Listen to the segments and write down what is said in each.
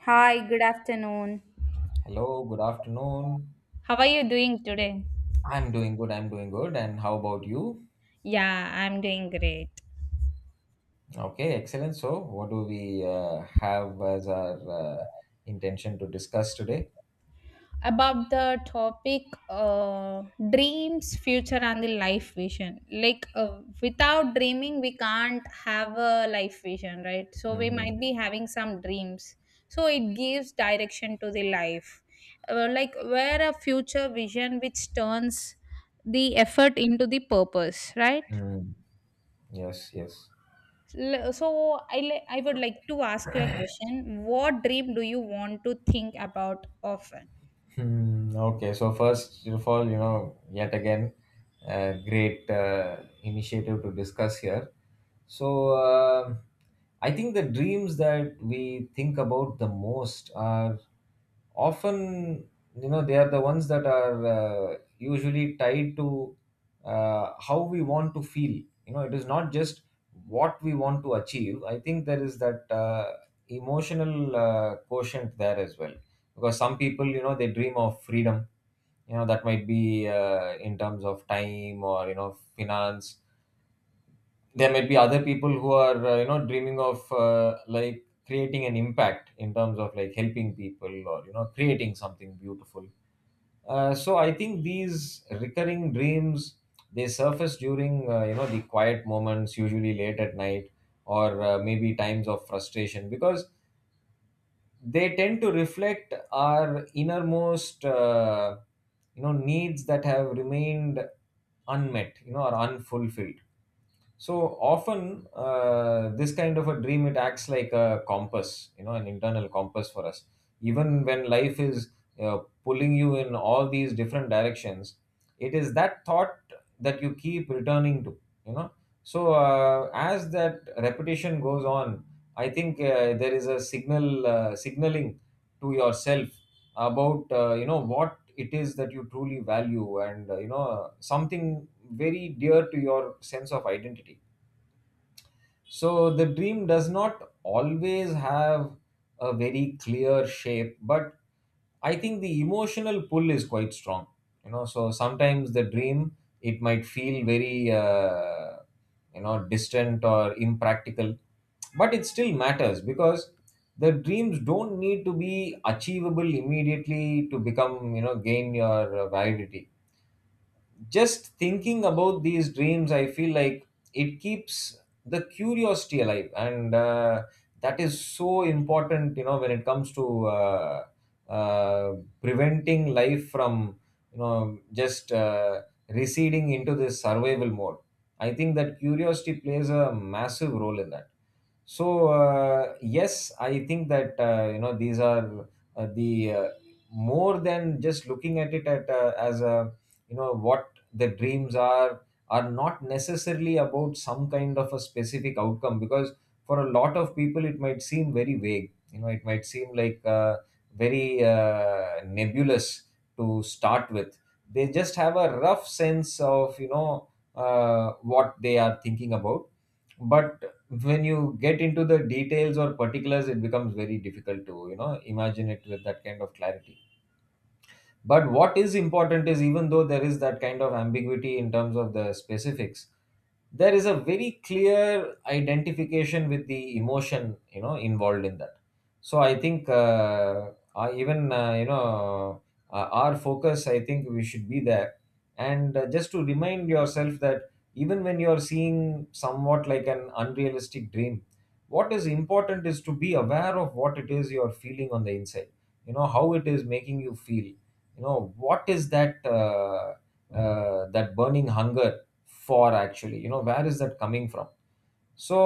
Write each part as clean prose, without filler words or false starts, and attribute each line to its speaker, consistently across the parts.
Speaker 1: Hi, good afternoon.
Speaker 2: Hello, good afternoon.
Speaker 1: How are you doing today?
Speaker 2: I'm doing good. And how about you?
Speaker 1: Yeah, I'm doing great.
Speaker 2: Okay, excellent. So, what do we have as our intention to discuss today?
Speaker 1: About the topic uh, dreams, future, and the life vision. Like, without dreaming, we can't have a life vision, right? So, we
Speaker 2: Mm-hmm.
Speaker 1: might be having some dreams. So, it gives direction to the life. Like, where a future vision which turns the effort into the purpose, right?
Speaker 2: Mm-hmm. Yes.
Speaker 1: So I would like to ask you a question. What dream do you want to think about often?
Speaker 2: Hmm, okay, so first of all, yet again, great initiative to discuss here. So, I think the dreams that we think about the most are often, you know, they are the ones that are usually tied to how we want to feel. You know, it is not just what we want to achieve. I think there is that emotional quotient there as well, because some people, you know, they dream of freedom. You know, that might be in terms of time, or you know, finance. There might be other people who are you know, dreaming of like creating an impact in terms of like helping people, or you know, creating something beautiful. So I think these recurring dreams, they surface during you know, the quiet moments, usually late at night, or maybe times of frustration, because they tend to reflect our innermost you know, needs that have remained unmet, you know, or unfulfilled. So often this kind of a dream, it acts like a compass, you know, an internal compass for us, even when life is pulling you in all these different directions. It is that thought that you keep returning to, you know. So as that repetition goes on, I think there is a signal, signaling to yourself about you know, what it is that you truly value, and you know, something very dear to your sense of identity. So the dream does not always have a very clear shape, but I think the emotional pull is quite strong. You know, so sometimes the dream, it might feel very you know, distant or impractical, but it still matters because the dreams don't need to be achievable immediately to become, you know, gain your validity. Just thinking about these dreams, I feel like it keeps the curiosity alive, and that is so important, you know, when it comes to uh, preventing life from, you know, just receding into this survival mode. I think that curiosity plays a massive role in that. So yes, I think that you know, these are the more than just looking at it at as a, you know, what the dreams are not necessarily about some kind of a specific outcome, because for a lot of people it might seem very vague. You know, it might seem like very nebulous to start with. They just have a rough sense of, you know, what they are thinking about. But when you get into the details or particulars, it becomes very difficult to, you know, imagine it with that kind of clarity. But what is important is, even though there is that kind of ambiguity in terms of the specifics, there is a very clear identification with the emotion, you know, involved in that. So I think I even you know, our focus, I think, we should be there, and just to remind yourself that even when you are seeing somewhat like an unrealistic dream, what is important is to be aware of what it is you are feeling on the inside. You know, how it is making you feel, you know, what is that that burning hunger for, actually, you know, where is that coming from. So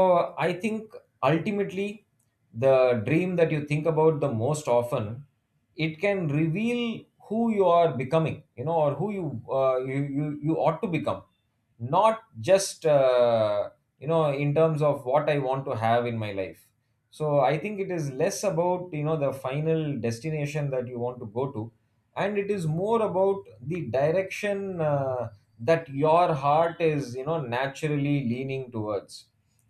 Speaker 2: I think ultimately the dream that you think about the most often, it can reveal who you are becoming, you know, or who you you ought to become, not just you know, in terms of what I want to have in my life. So I think it is less about, you know, the final destination that you want to go to, and it is more about the direction that your heart is, you know, naturally leaning towards.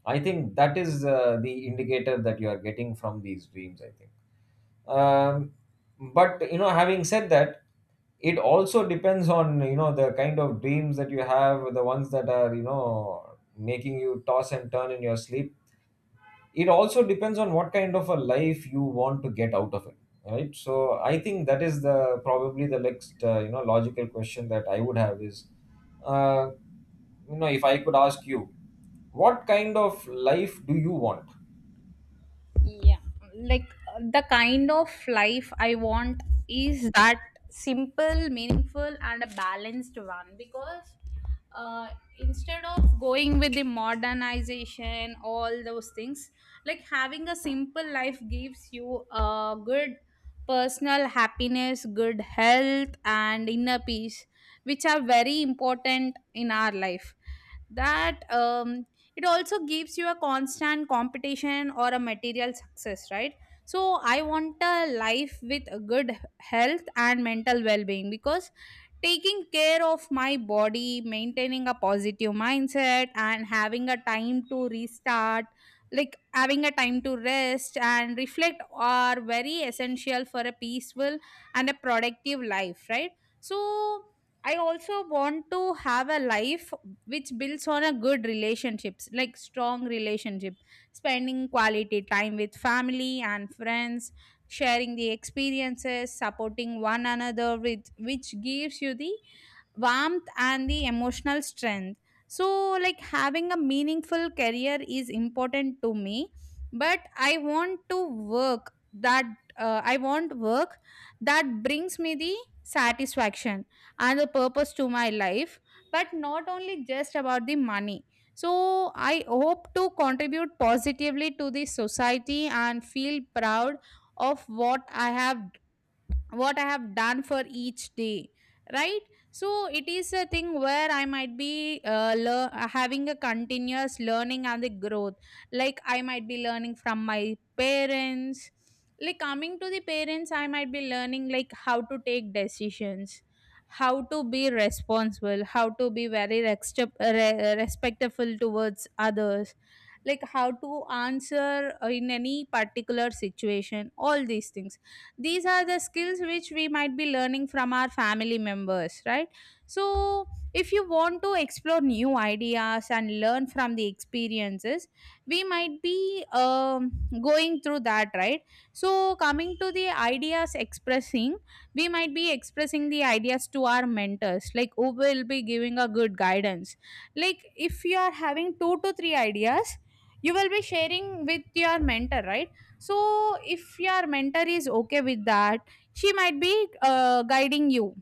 Speaker 2: I think that is the indicator that you are getting from these dreams, I think. um, but you know, having said that, it also depends on, you know, the kind of dreams that you have. The ones that are, you know, making you toss and turn in your sleep, it also depends on what kind of a life you want to get out of it, right? So I think that is the probably the next you know, logical question that I would have is, uh, you know, if I could ask you, what kind of life do you want?
Speaker 1: Yeah, like, the kind of life I want is that simple, meaningful, and a balanced one. Because uh, instead of going with the modernization, all those things, like having a simple life gives you a good personal happiness, good health, and inner peace, which are very important in our life. That, it also gives you a constant competition or a material success, right? So I want a life with a good health and mental well-being, because taking care of my body, maintaining a positive mindset, and having a time to restart, like having a time to rest and reflect, are very essential for a peaceful and a productive life, right? So I also want to have a life which builds on a good relationships, like strong relationship, spending quality time with family and friends, sharing the experiences, supporting one another with which gives you the warmth and the emotional strength. So like having a meaningful career is important to me, but I want work that brings me the satisfaction and the purpose to my life, but not only just about the money. So I hope to contribute positively to the society and feel proud of what I have done for each day, right? So it is a thing where I might be having a continuous learning and the growth. Like I might be learning from my parents. Like coming to the parents, I might be learning like how to take decisions, how to be responsible, how to be very respectful towards others, like how to answer in any particular situation. All these things, these are the skills which we might be learning from our family members, right? So if you want to explore new ideas and learn from the experiences, we might be going through that, right? So coming to the ideas expressing, we might be expressing the ideas to our mentors, like who will be giving a good guidance. Like if you are having two to three ideas, you will be sharing with your mentor, right? So if your mentor is okay with that, she might be guiding you.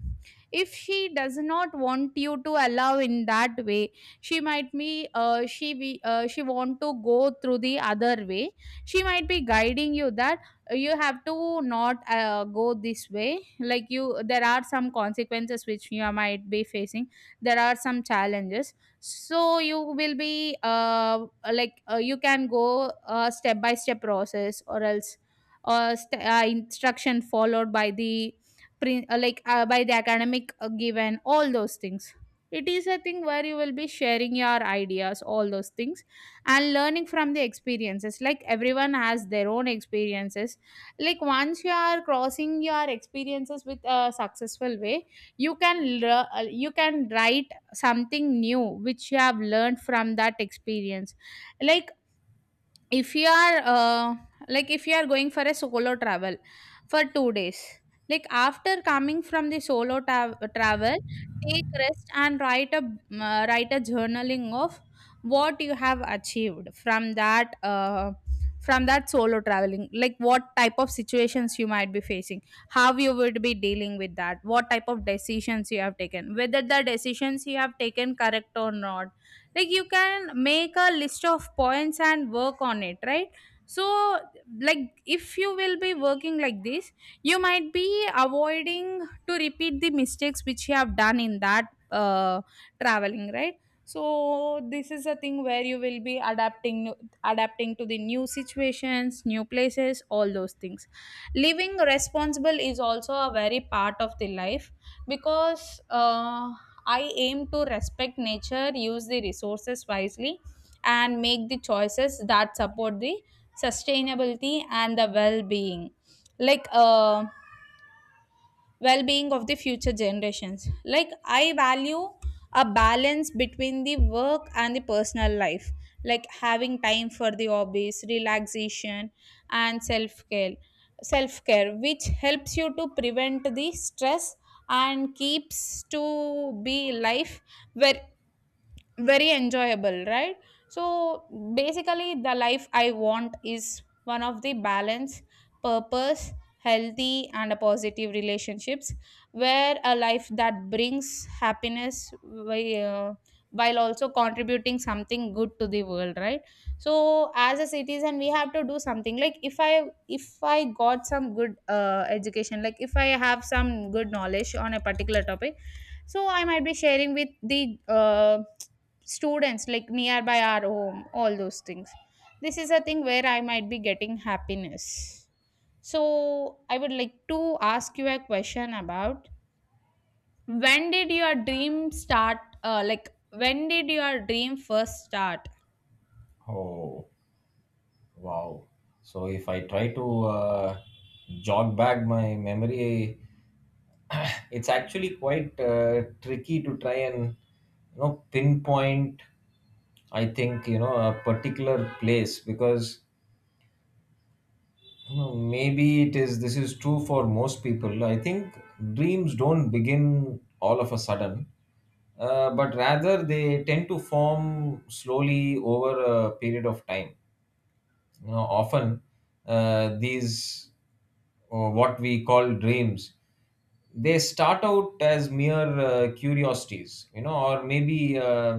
Speaker 1: If she does not want you to allow in that way, she might be she be she want to go through the other way. She might be guiding you that you have to not go this way. Like you, there are some consequences which you might be facing, there are some challenges. So you will be you can go step by step process, or else instruction followed by the by the academic given, all those things. It is a thing where you will be sharing your ideas, all those things, and learning from the experiences. Like everyone has their own experiences. Like once you are crossing your experiences with a successful way, you can you can write something new which you have learned from that experience. Like if you are if you are going for a solo travel for 2 days, like after coming from the travel, take rest and write a write a journaling of what you have achieved from that, from that solo traveling. Like what type of situations you might be facing, how you would be dealing with that, what type of decisions you have taken, whether the decisions you have taken correct or not. Like you can make a list of points and work on it, right? So like if you will be working like this, you might be avoiding to repeat the mistakes which you have done in that uh, traveling, right? So this is a thing where you will be adapting to the new situations, new places, all those things. Living responsible is also a very part of the life, because I aim to respect nature, use the resources wisely, and make the choices that support the sustainability and the well being. Like, well-being of the future generations. Like I value a balance between the work and the personal life, like having time for the hobbies, relaxation, and self-care, which helps you to prevent the stress and keeps to be life where very enjoyable, right? So basically, the life I want is one of the balance, purpose, healthy and a positive relationships, where a life that brings happiness while also contributing something good to the world, right? So as a citizen, we have to do something. Like if I got some good education, like if I have some good knowledge on a particular topic, so I might be sharing with the uh, students like nearby our home, all those things. This is a thing where I might be getting happiness. So I would like to ask you a question about when did your dream start. Like when did your dream first start?
Speaker 2: Oh, wow. So if I try to jog back my memory, it's actually quite tricky to try and, you know, pinpoint. I think, you know, a particular place, because, well, maybe it is, this is true for most people. I think dreams don't begin all of a sudden, but rather they tend to form slowly over a period of time. You know, often uh, these, what we call dreams, they start out as mere curiosities, you know, or maybe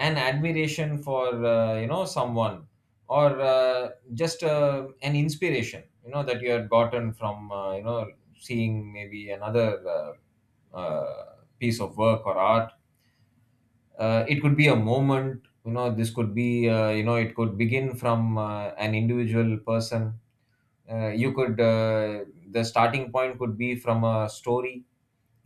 Speaker 2: an admiration for, you know, someone, or just an inspiration, you know, that you had gotten from, you know, seeing maybe another uh, uh, piece of work or art. It could be a moment, you know, this could be you know, it could begin from an individual person. You could the starting point could be from a story,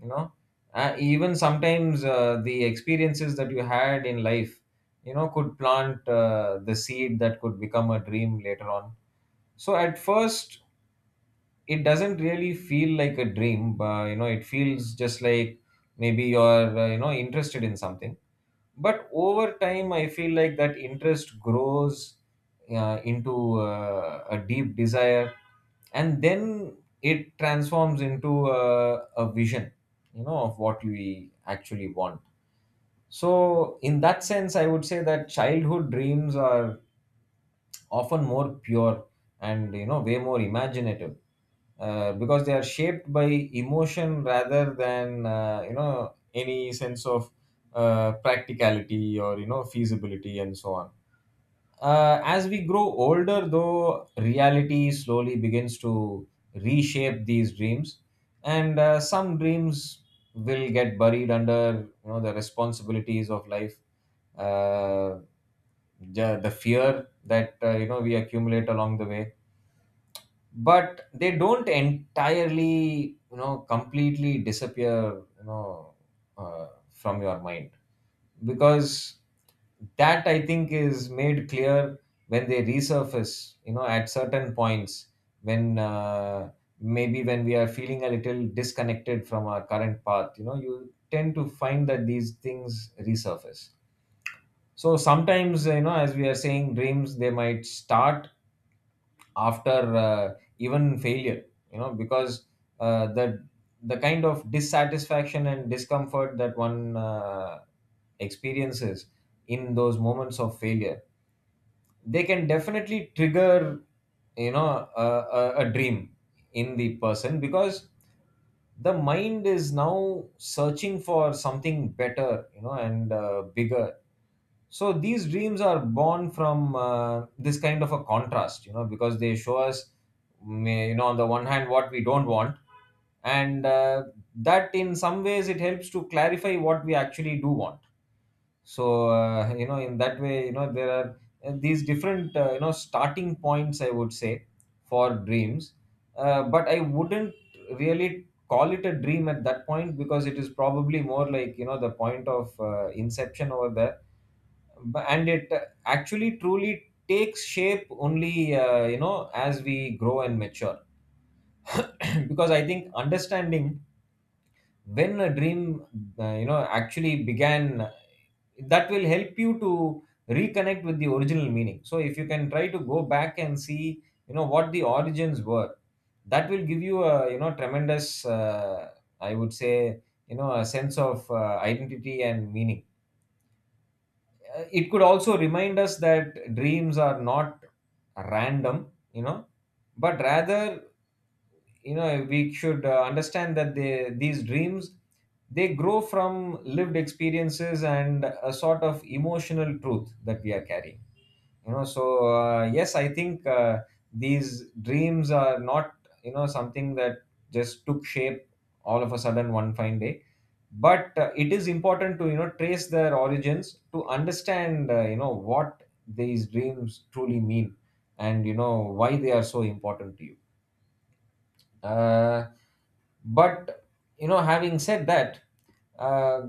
Speaker 2: you know. Even sometimes the experiences that you had in life, you know, could plant the seed that could become a dream later on. So at first it doesn't really feel like a dream, but you know, it feels just like maybe you're you know, interested in something. But over time I feel like that interest grows into a deep desire, and then it transforms into a vision, you know, of what we actually want. So in that sense, I would say that childhood dreams are often more pure, and you know, way more imaginative, because they are shaped by emotion rather than, you know, any sense of practicality, or you know, feasibility and so on. As we grow older, though, reality slowly begins to reshape these dreams, and some dreams will get buried under, you know, the responsibilities of life. Uh, the fear that, you know, we accumulate along the way, but they don't entirely, you know, completely disappear, you know, from your mind, because that, I think, is made clear when they resurface, you know, at certain points, when maybe when we are feeling a little disconnected from our current path, you know, you tend to find that these things resurface. So sometimes, you know, as we are saying, dreams, they might start after even failure, you know, because uh, the the kind of dissatisfaction and discomfort that one experiences in those moments of failure, they can definitely trigger, you know, a dream in the person, because the mind is now searching for something better, you know, and bigger. So these dreams are born from this kind of a contrast, you know, because they show us, you know, on the one hand what we don't want, and that in some ways it helps to clarify what we actually do want. So you know, in that way, you know, there are these different you know, starting points, I would say, for dreams. But I wouldn't really call it a dream at that point, because it is probably more like, you know, the point of inception over there. And it actually truly takes shape only you know, as we grow and mature. Because I think understanding when a dream you know, actually began, that will help you to reconnect with the original meaning. So if you can try to go back and see, you know, what the origins were, that will give you a, you know, tremendous I would say, you know, a sense of identity and meaning. It could also remind us that dreams are not random, you know, but rather, you know, we should understand that these dreams, they grow from lived experiences and a sort of emotional truth that we are carrying, you know. So yes, I think these dreams are not, you know, something that just took shape all of a sudden one fine day, but it is important to, you know, trace their origins to understand, you know, what these dreams truly mean, and you know, why they are so important to you. uh, but you know, having said that, uh,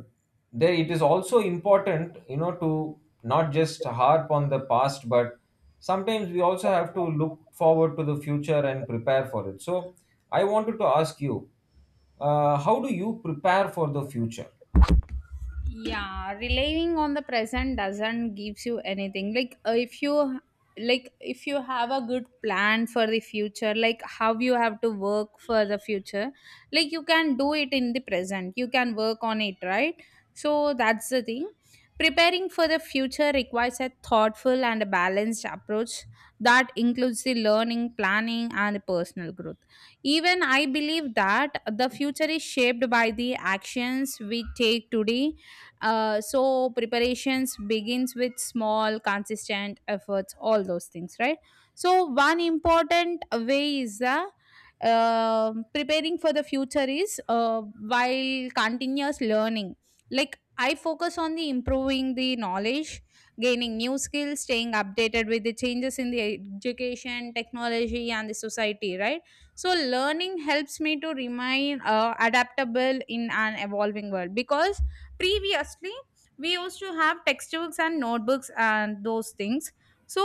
Speaker 2: there it is also important, you know, to not just harp on the past, but sometimes we also have to look forward to the future and prepare for it. So, I wanted to ask you, how do you prepare for the future?
Speaker 1: Yeah, relying on the present doesn't gives you anything. Like if you like if you have a good plan for the future, like how you have to work for the future, like you can do it in the present, you can work on it, right? So that's the thing. Preparing for the future requires a thoughtful and a balanced approach that includes the learning, planning, and personal growth. Even I believe that the future is shaped by the actions we take today. So preparations begins with small consistent efforts, all those things, right? So one important way is the, um, preparing for the future is while continuous learning. Like I focus on the improving the knowledge, gaining new skills, staying updated with the changes in the education, technology, and the society, right? So learning helps me to remain adaptable in an evolving world. Because previously we used to have textbooks and notebooks and those things, so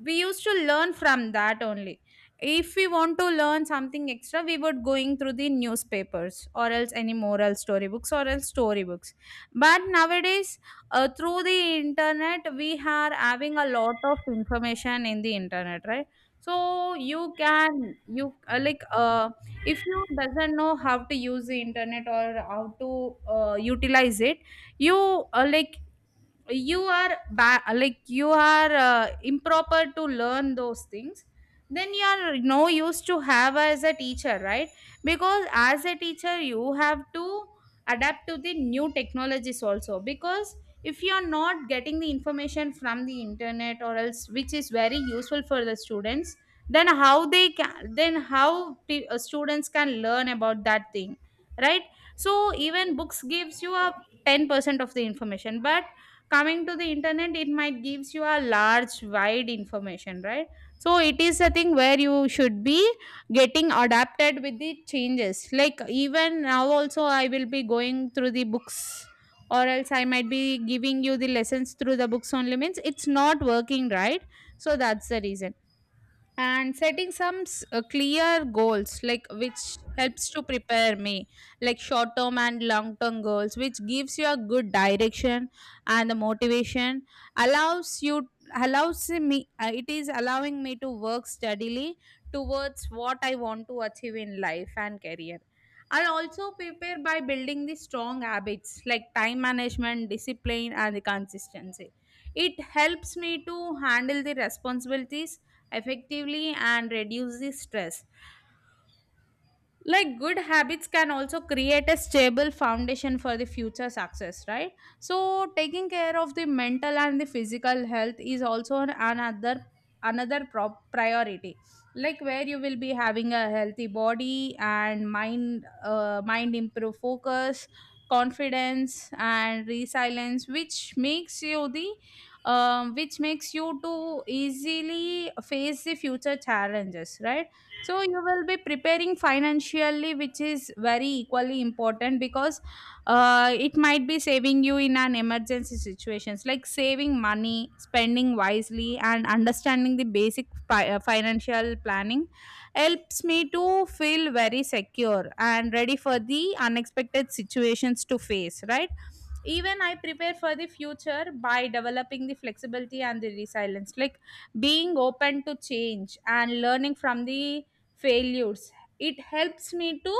Speaker 1: we used to learn from that only. If we want to learn something extra, we would going through the newspapers or else any moral storybooks or else storybooks. But nowadays, through the internet, we are having a lot of information in the internet, right? So you can you like if you doesn't know how to use the internet or how to utilize it, you uh, like you are you are improper to learn those things. Then you are no use to have as a teacher, right? Because as a teacher, you have to adapt to the new technologies also. Because if you are not getting the information from the internet or else which is very useful for the students, then how they can, then how students can learn about that thing, right? So even books gives you a 10% of the information. But coming to the internet, it might gives you a large wide information, right? So it is a thing where you should be getting adapted with the changes. Like even now also I will be going through the books, or else I might be giving you the lessons through the books only means it's not working, right? So that's the reason. And setting some clear goals, like which helps to prepare me. Like short term and long term goals which gives you a good direction and the motivation allows you allows me, it is allowing me to work steadily towards what I want to achieve in life and career. I also prepare by building the strong habits, like time management, discipline, and the consistency. It helps me to handle the responsibilities effectively and reduce the stress. Like good habits can also create a stable foundation for the future success, right? So taking care of the mental and the physical health is also another another prop priority. Like where you will be having a healthy body and mind, mind improve focus, confidence, and resilience, which makes you the, which makes you to easily face the future challenges, right? So you will be preparing financially, which is very equally important. Because it might be saving you in an emergency situations. Like saving money, spending wisely, and understanding the basic financial planning helps me to feel very secure and ready for the unexpected situations to face, right? Even I prepare for the future by developing the flexibility and the resilience Like being open to change and learning from the failures. It helps me to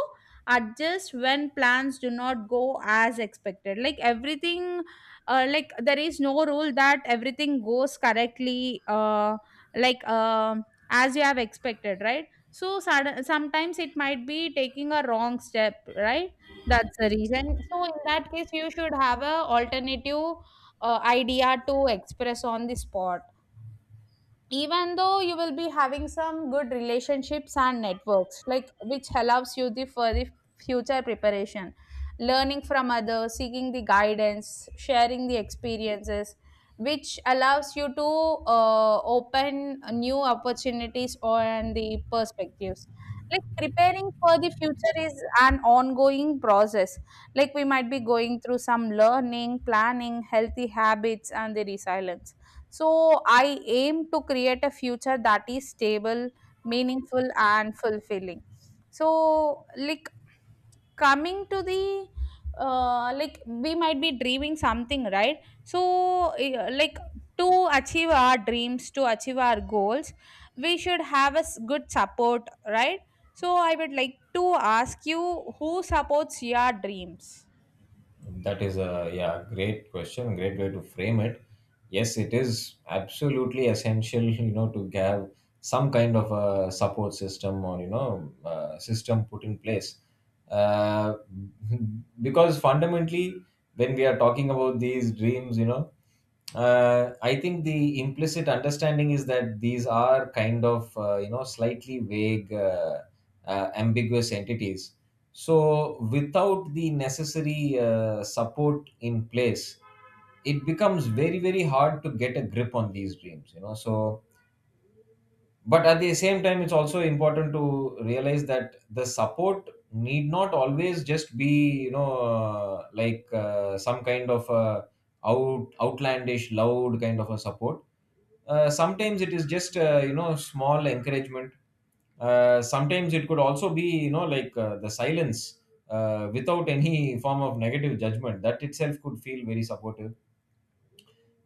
Speaker 1: adjust when plans do not go as expected. Like everything, like there is no rule that everything goes correctly. Like um as you have expected, right? So sudden, sometimes it might be taking a wrong step, right? That's the reason. So in that case, you should have a alternative idea to express on the spot, even though you will be having some good relationships and networks, like which allows you the for the future preparation. Learning from others, seeking the guidance, sharing the experiences, which allows you to open new opportunities and the perspectives. Like preparing for the future is an ongoing process. Like we might be going through some learning, planning, healthy habits and the resilience. So I aim to create a future that is stable, meaningful, and fulfilling. So, like, coming to the like we might be dreaming something, right? So like, to achieve our dreams, to achieve our goals, we should have a good support, right? So I would like to ask you, who supports your dreams?
Speaker 2: That is a great question, great way to frame it. Yes, it is absolutely essential, you know, to have some kind of a support system or you know system put in place, uh, because fundamentally, when we are talking about these dreams, you know, I think the implicit understanding is that these are kind of you know slightly vague, ambiguous entities. So without the necessary support in place, it becomes very very hard to get a grip on these dreams. You know, so but at the same time it's also important to realize that the support need not always just be you know like some kind of outlandish loud kind of a support. Sometimes it is just you know small encouragement. Sometimes it could also be you know like the silence without any form of negative judgment. That itself could feel very supportive.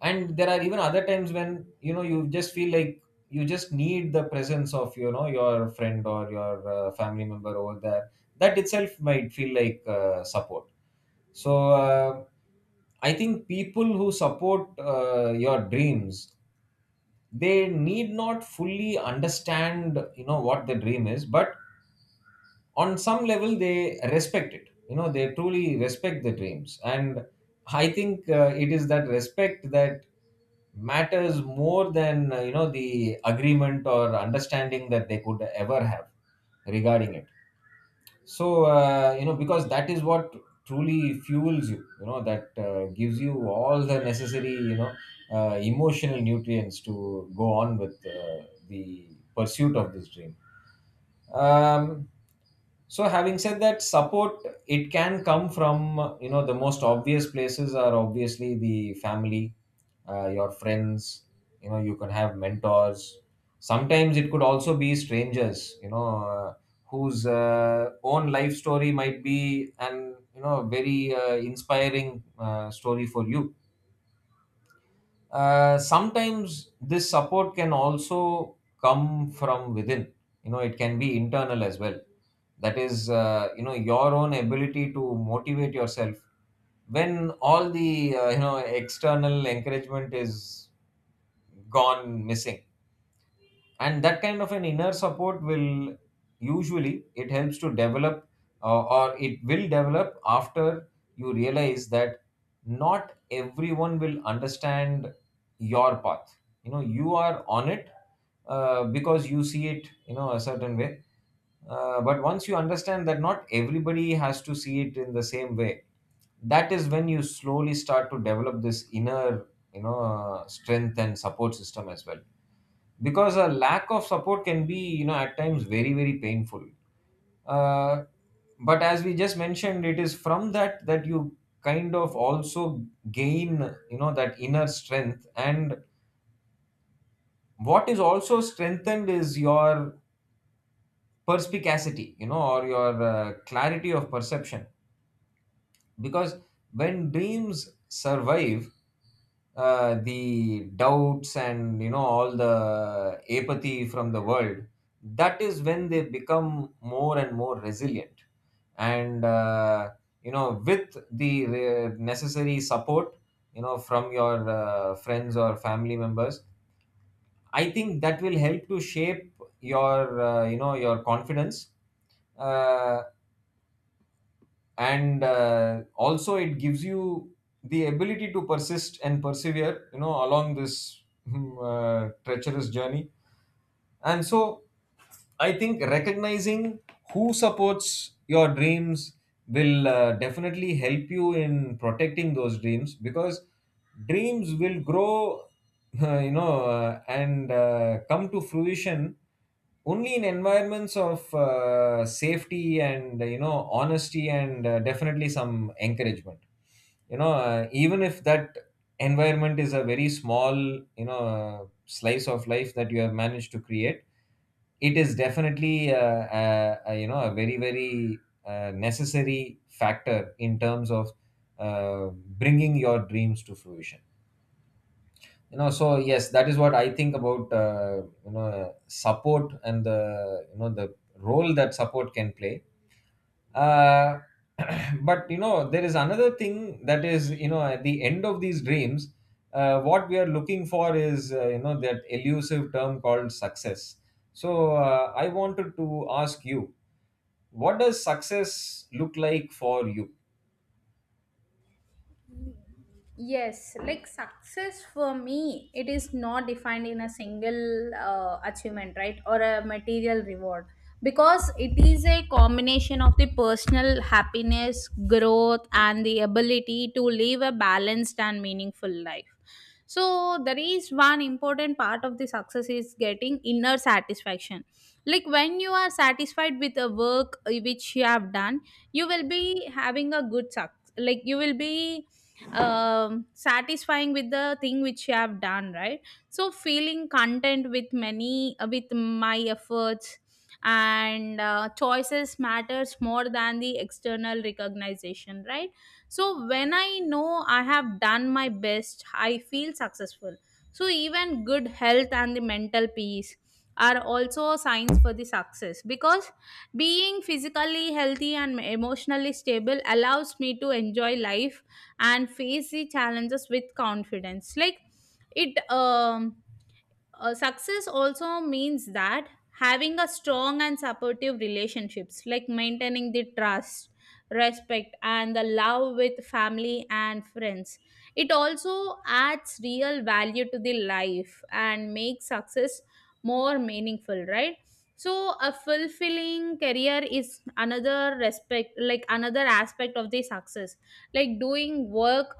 Speaker 2: And there are even other times when you know you just feel like you just need the presence of you know your friend or your family member over there. That itself might feel like support. So I think people who support your dreams, they need not fully understand you know what the dream is, but on some level they respect it. You know, they truly respect the dreams. And I think it is that respect that matters more than you know the agreement or understanding that they could ever have regarding it. So you know, because that is what truly fuels you, you know, that gives you all the necessary you know emotional nutrients to go on with the pursuit of this dream. um, so having said that, support, it can come from you know the most obvious places are obviously the family, your friends. You know, you can have mentors. Sometimes it could also be strangers, you know, whose own life story might be an you know very inspiring story for you. Sometimes this support can also come from within. You know, it can be internal as well. That is, you know, your own ability to motivate yourself when all the you know external encouragement is gone missing. And that kind of an inner support will usually, it helps to develop, or it will develop after you realize that not everyone will understand your path, you know, you are on it, because you see it you know a certain way. But once you understand that not everybody has to see it in the same way, that is when you slowly start to develop this inner, you know, strength and support system as well. Because a lack of support can be, you know, at times very very painful. uh, but as we just mentioned, it is from that that you kind of also gain, you know, that inner strength. And what is also strengthened is your perspicacity, you know, or your clarity of perception. Because when dreams survive the doubts and you know all the apathy from the world, that is when they become more and more resilient. And you know, with the necessary support, you know, from your friends or family members, I think that will help to shape your you know your confidence. Uh, and uh, also it gives you the ability to persist and persevere, you know, along this treacherous journey. And so I think recognizing who supports your dreams will definitely help you in protecting those dreams. Because dreams will grow, you know, and come to fruition only in environments of safety and, you know, honesty and definitely some encouragement. You know, even if that environment is a very small, you know, slice of life that you have managed to create, it is definitely you know a very very necessary factor in terms of uh, bringing your dreams to fruition. You know, so yes, that is what I think about you know support and the you know the role that support can play. uh, but you know there is another thing, that is, you know, at the end of these dreams, what we are looking for is you know that elusive term called success. So I wanted to ask you, what does success look like for you?
Speaker 1: Yes, like success for me, it is not defined in a single achievement, right, or a material reward, because it is a combination of the personal happiness, growth, and the ability to live a balanced and meaningful life. So, there is one important part of the success is getting inner satisfaction. Like when you are satisfied with the work which you have done, you will be having a good success. Like you will be satisfying with the thing which you have done, right? So feeling content with many with my efforts and choices matters more than the external recognition, right? So when I know I have done my best, I feel successful. So even good health and the mental peace are also signs for the success, because being physically healthy and emotionally stable allows me to enjoy life and face the challenges with confidence. Like it success also means that having a strong and supportive relationships, like maintaining the trust, respect and the love with family and friends, it also adds real value to the life and makes success more meaningful, right? So a fulfilling career is another respect, like another aspect of the success. Like doing work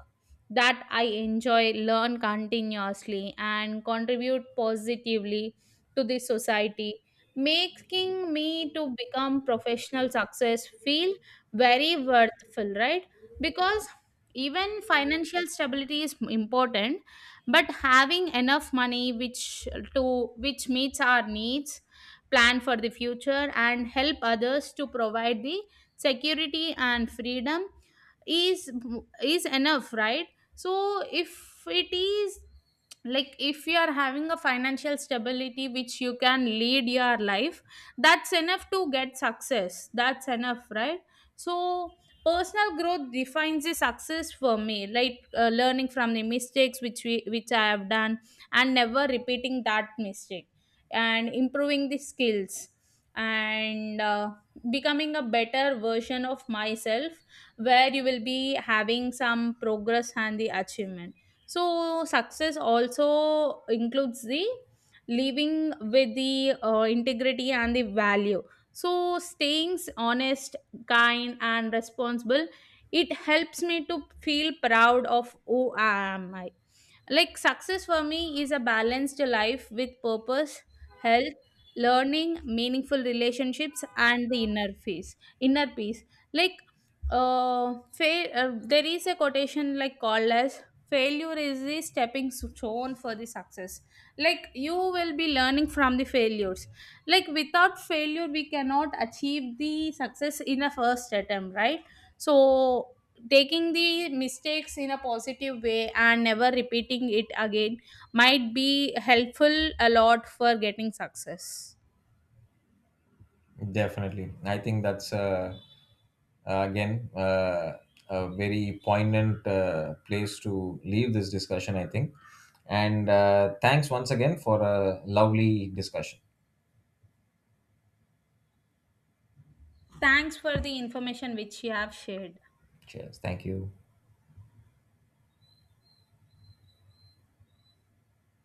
Speaker 1: that I enjoy, learn continuously, and contribute positively to the society, making me to become professional success feel very worthful, right? Because even financial stability is important, but having enough money which to which meets our needs, plan for the future, and help others to provide the security and freedom is is enough, right? So if it is, like if you are having a financial stability which you can lead your life, that's enough to get success, that's enough, right? So personal growth defines the success for me. Like learning from the mistakes which we which I have done, and never repeating that mistake, and improving the skills, and becoming a better version of myself, where you will be having some progress and the achievement. So, success also includes the living with the integrity and the value. So, staying honest, kind, and responsible, it helps me to feel proud of who I am. Like success for me is a balanced life with purpose, health, learning, meaningful relationships, and the inner peace. Inner peace. Like fail. There is a quotation like called as failure is the stepping stone for the success. Like you will be learning from the failures. Like without failure, we cannot achieve the success in a first attempt, right? So taking the mistakes in a positive way and never repeating it again might be helpful a lot for getting success.
Speaker 2: Definitely, I think that's again, a very poignant place to leave this discussion, I think. And thanks once again for a lovely discussion.
Speaker 1: Thanks for the information which you have shared.
Speaker 2: Cheers. Thank you.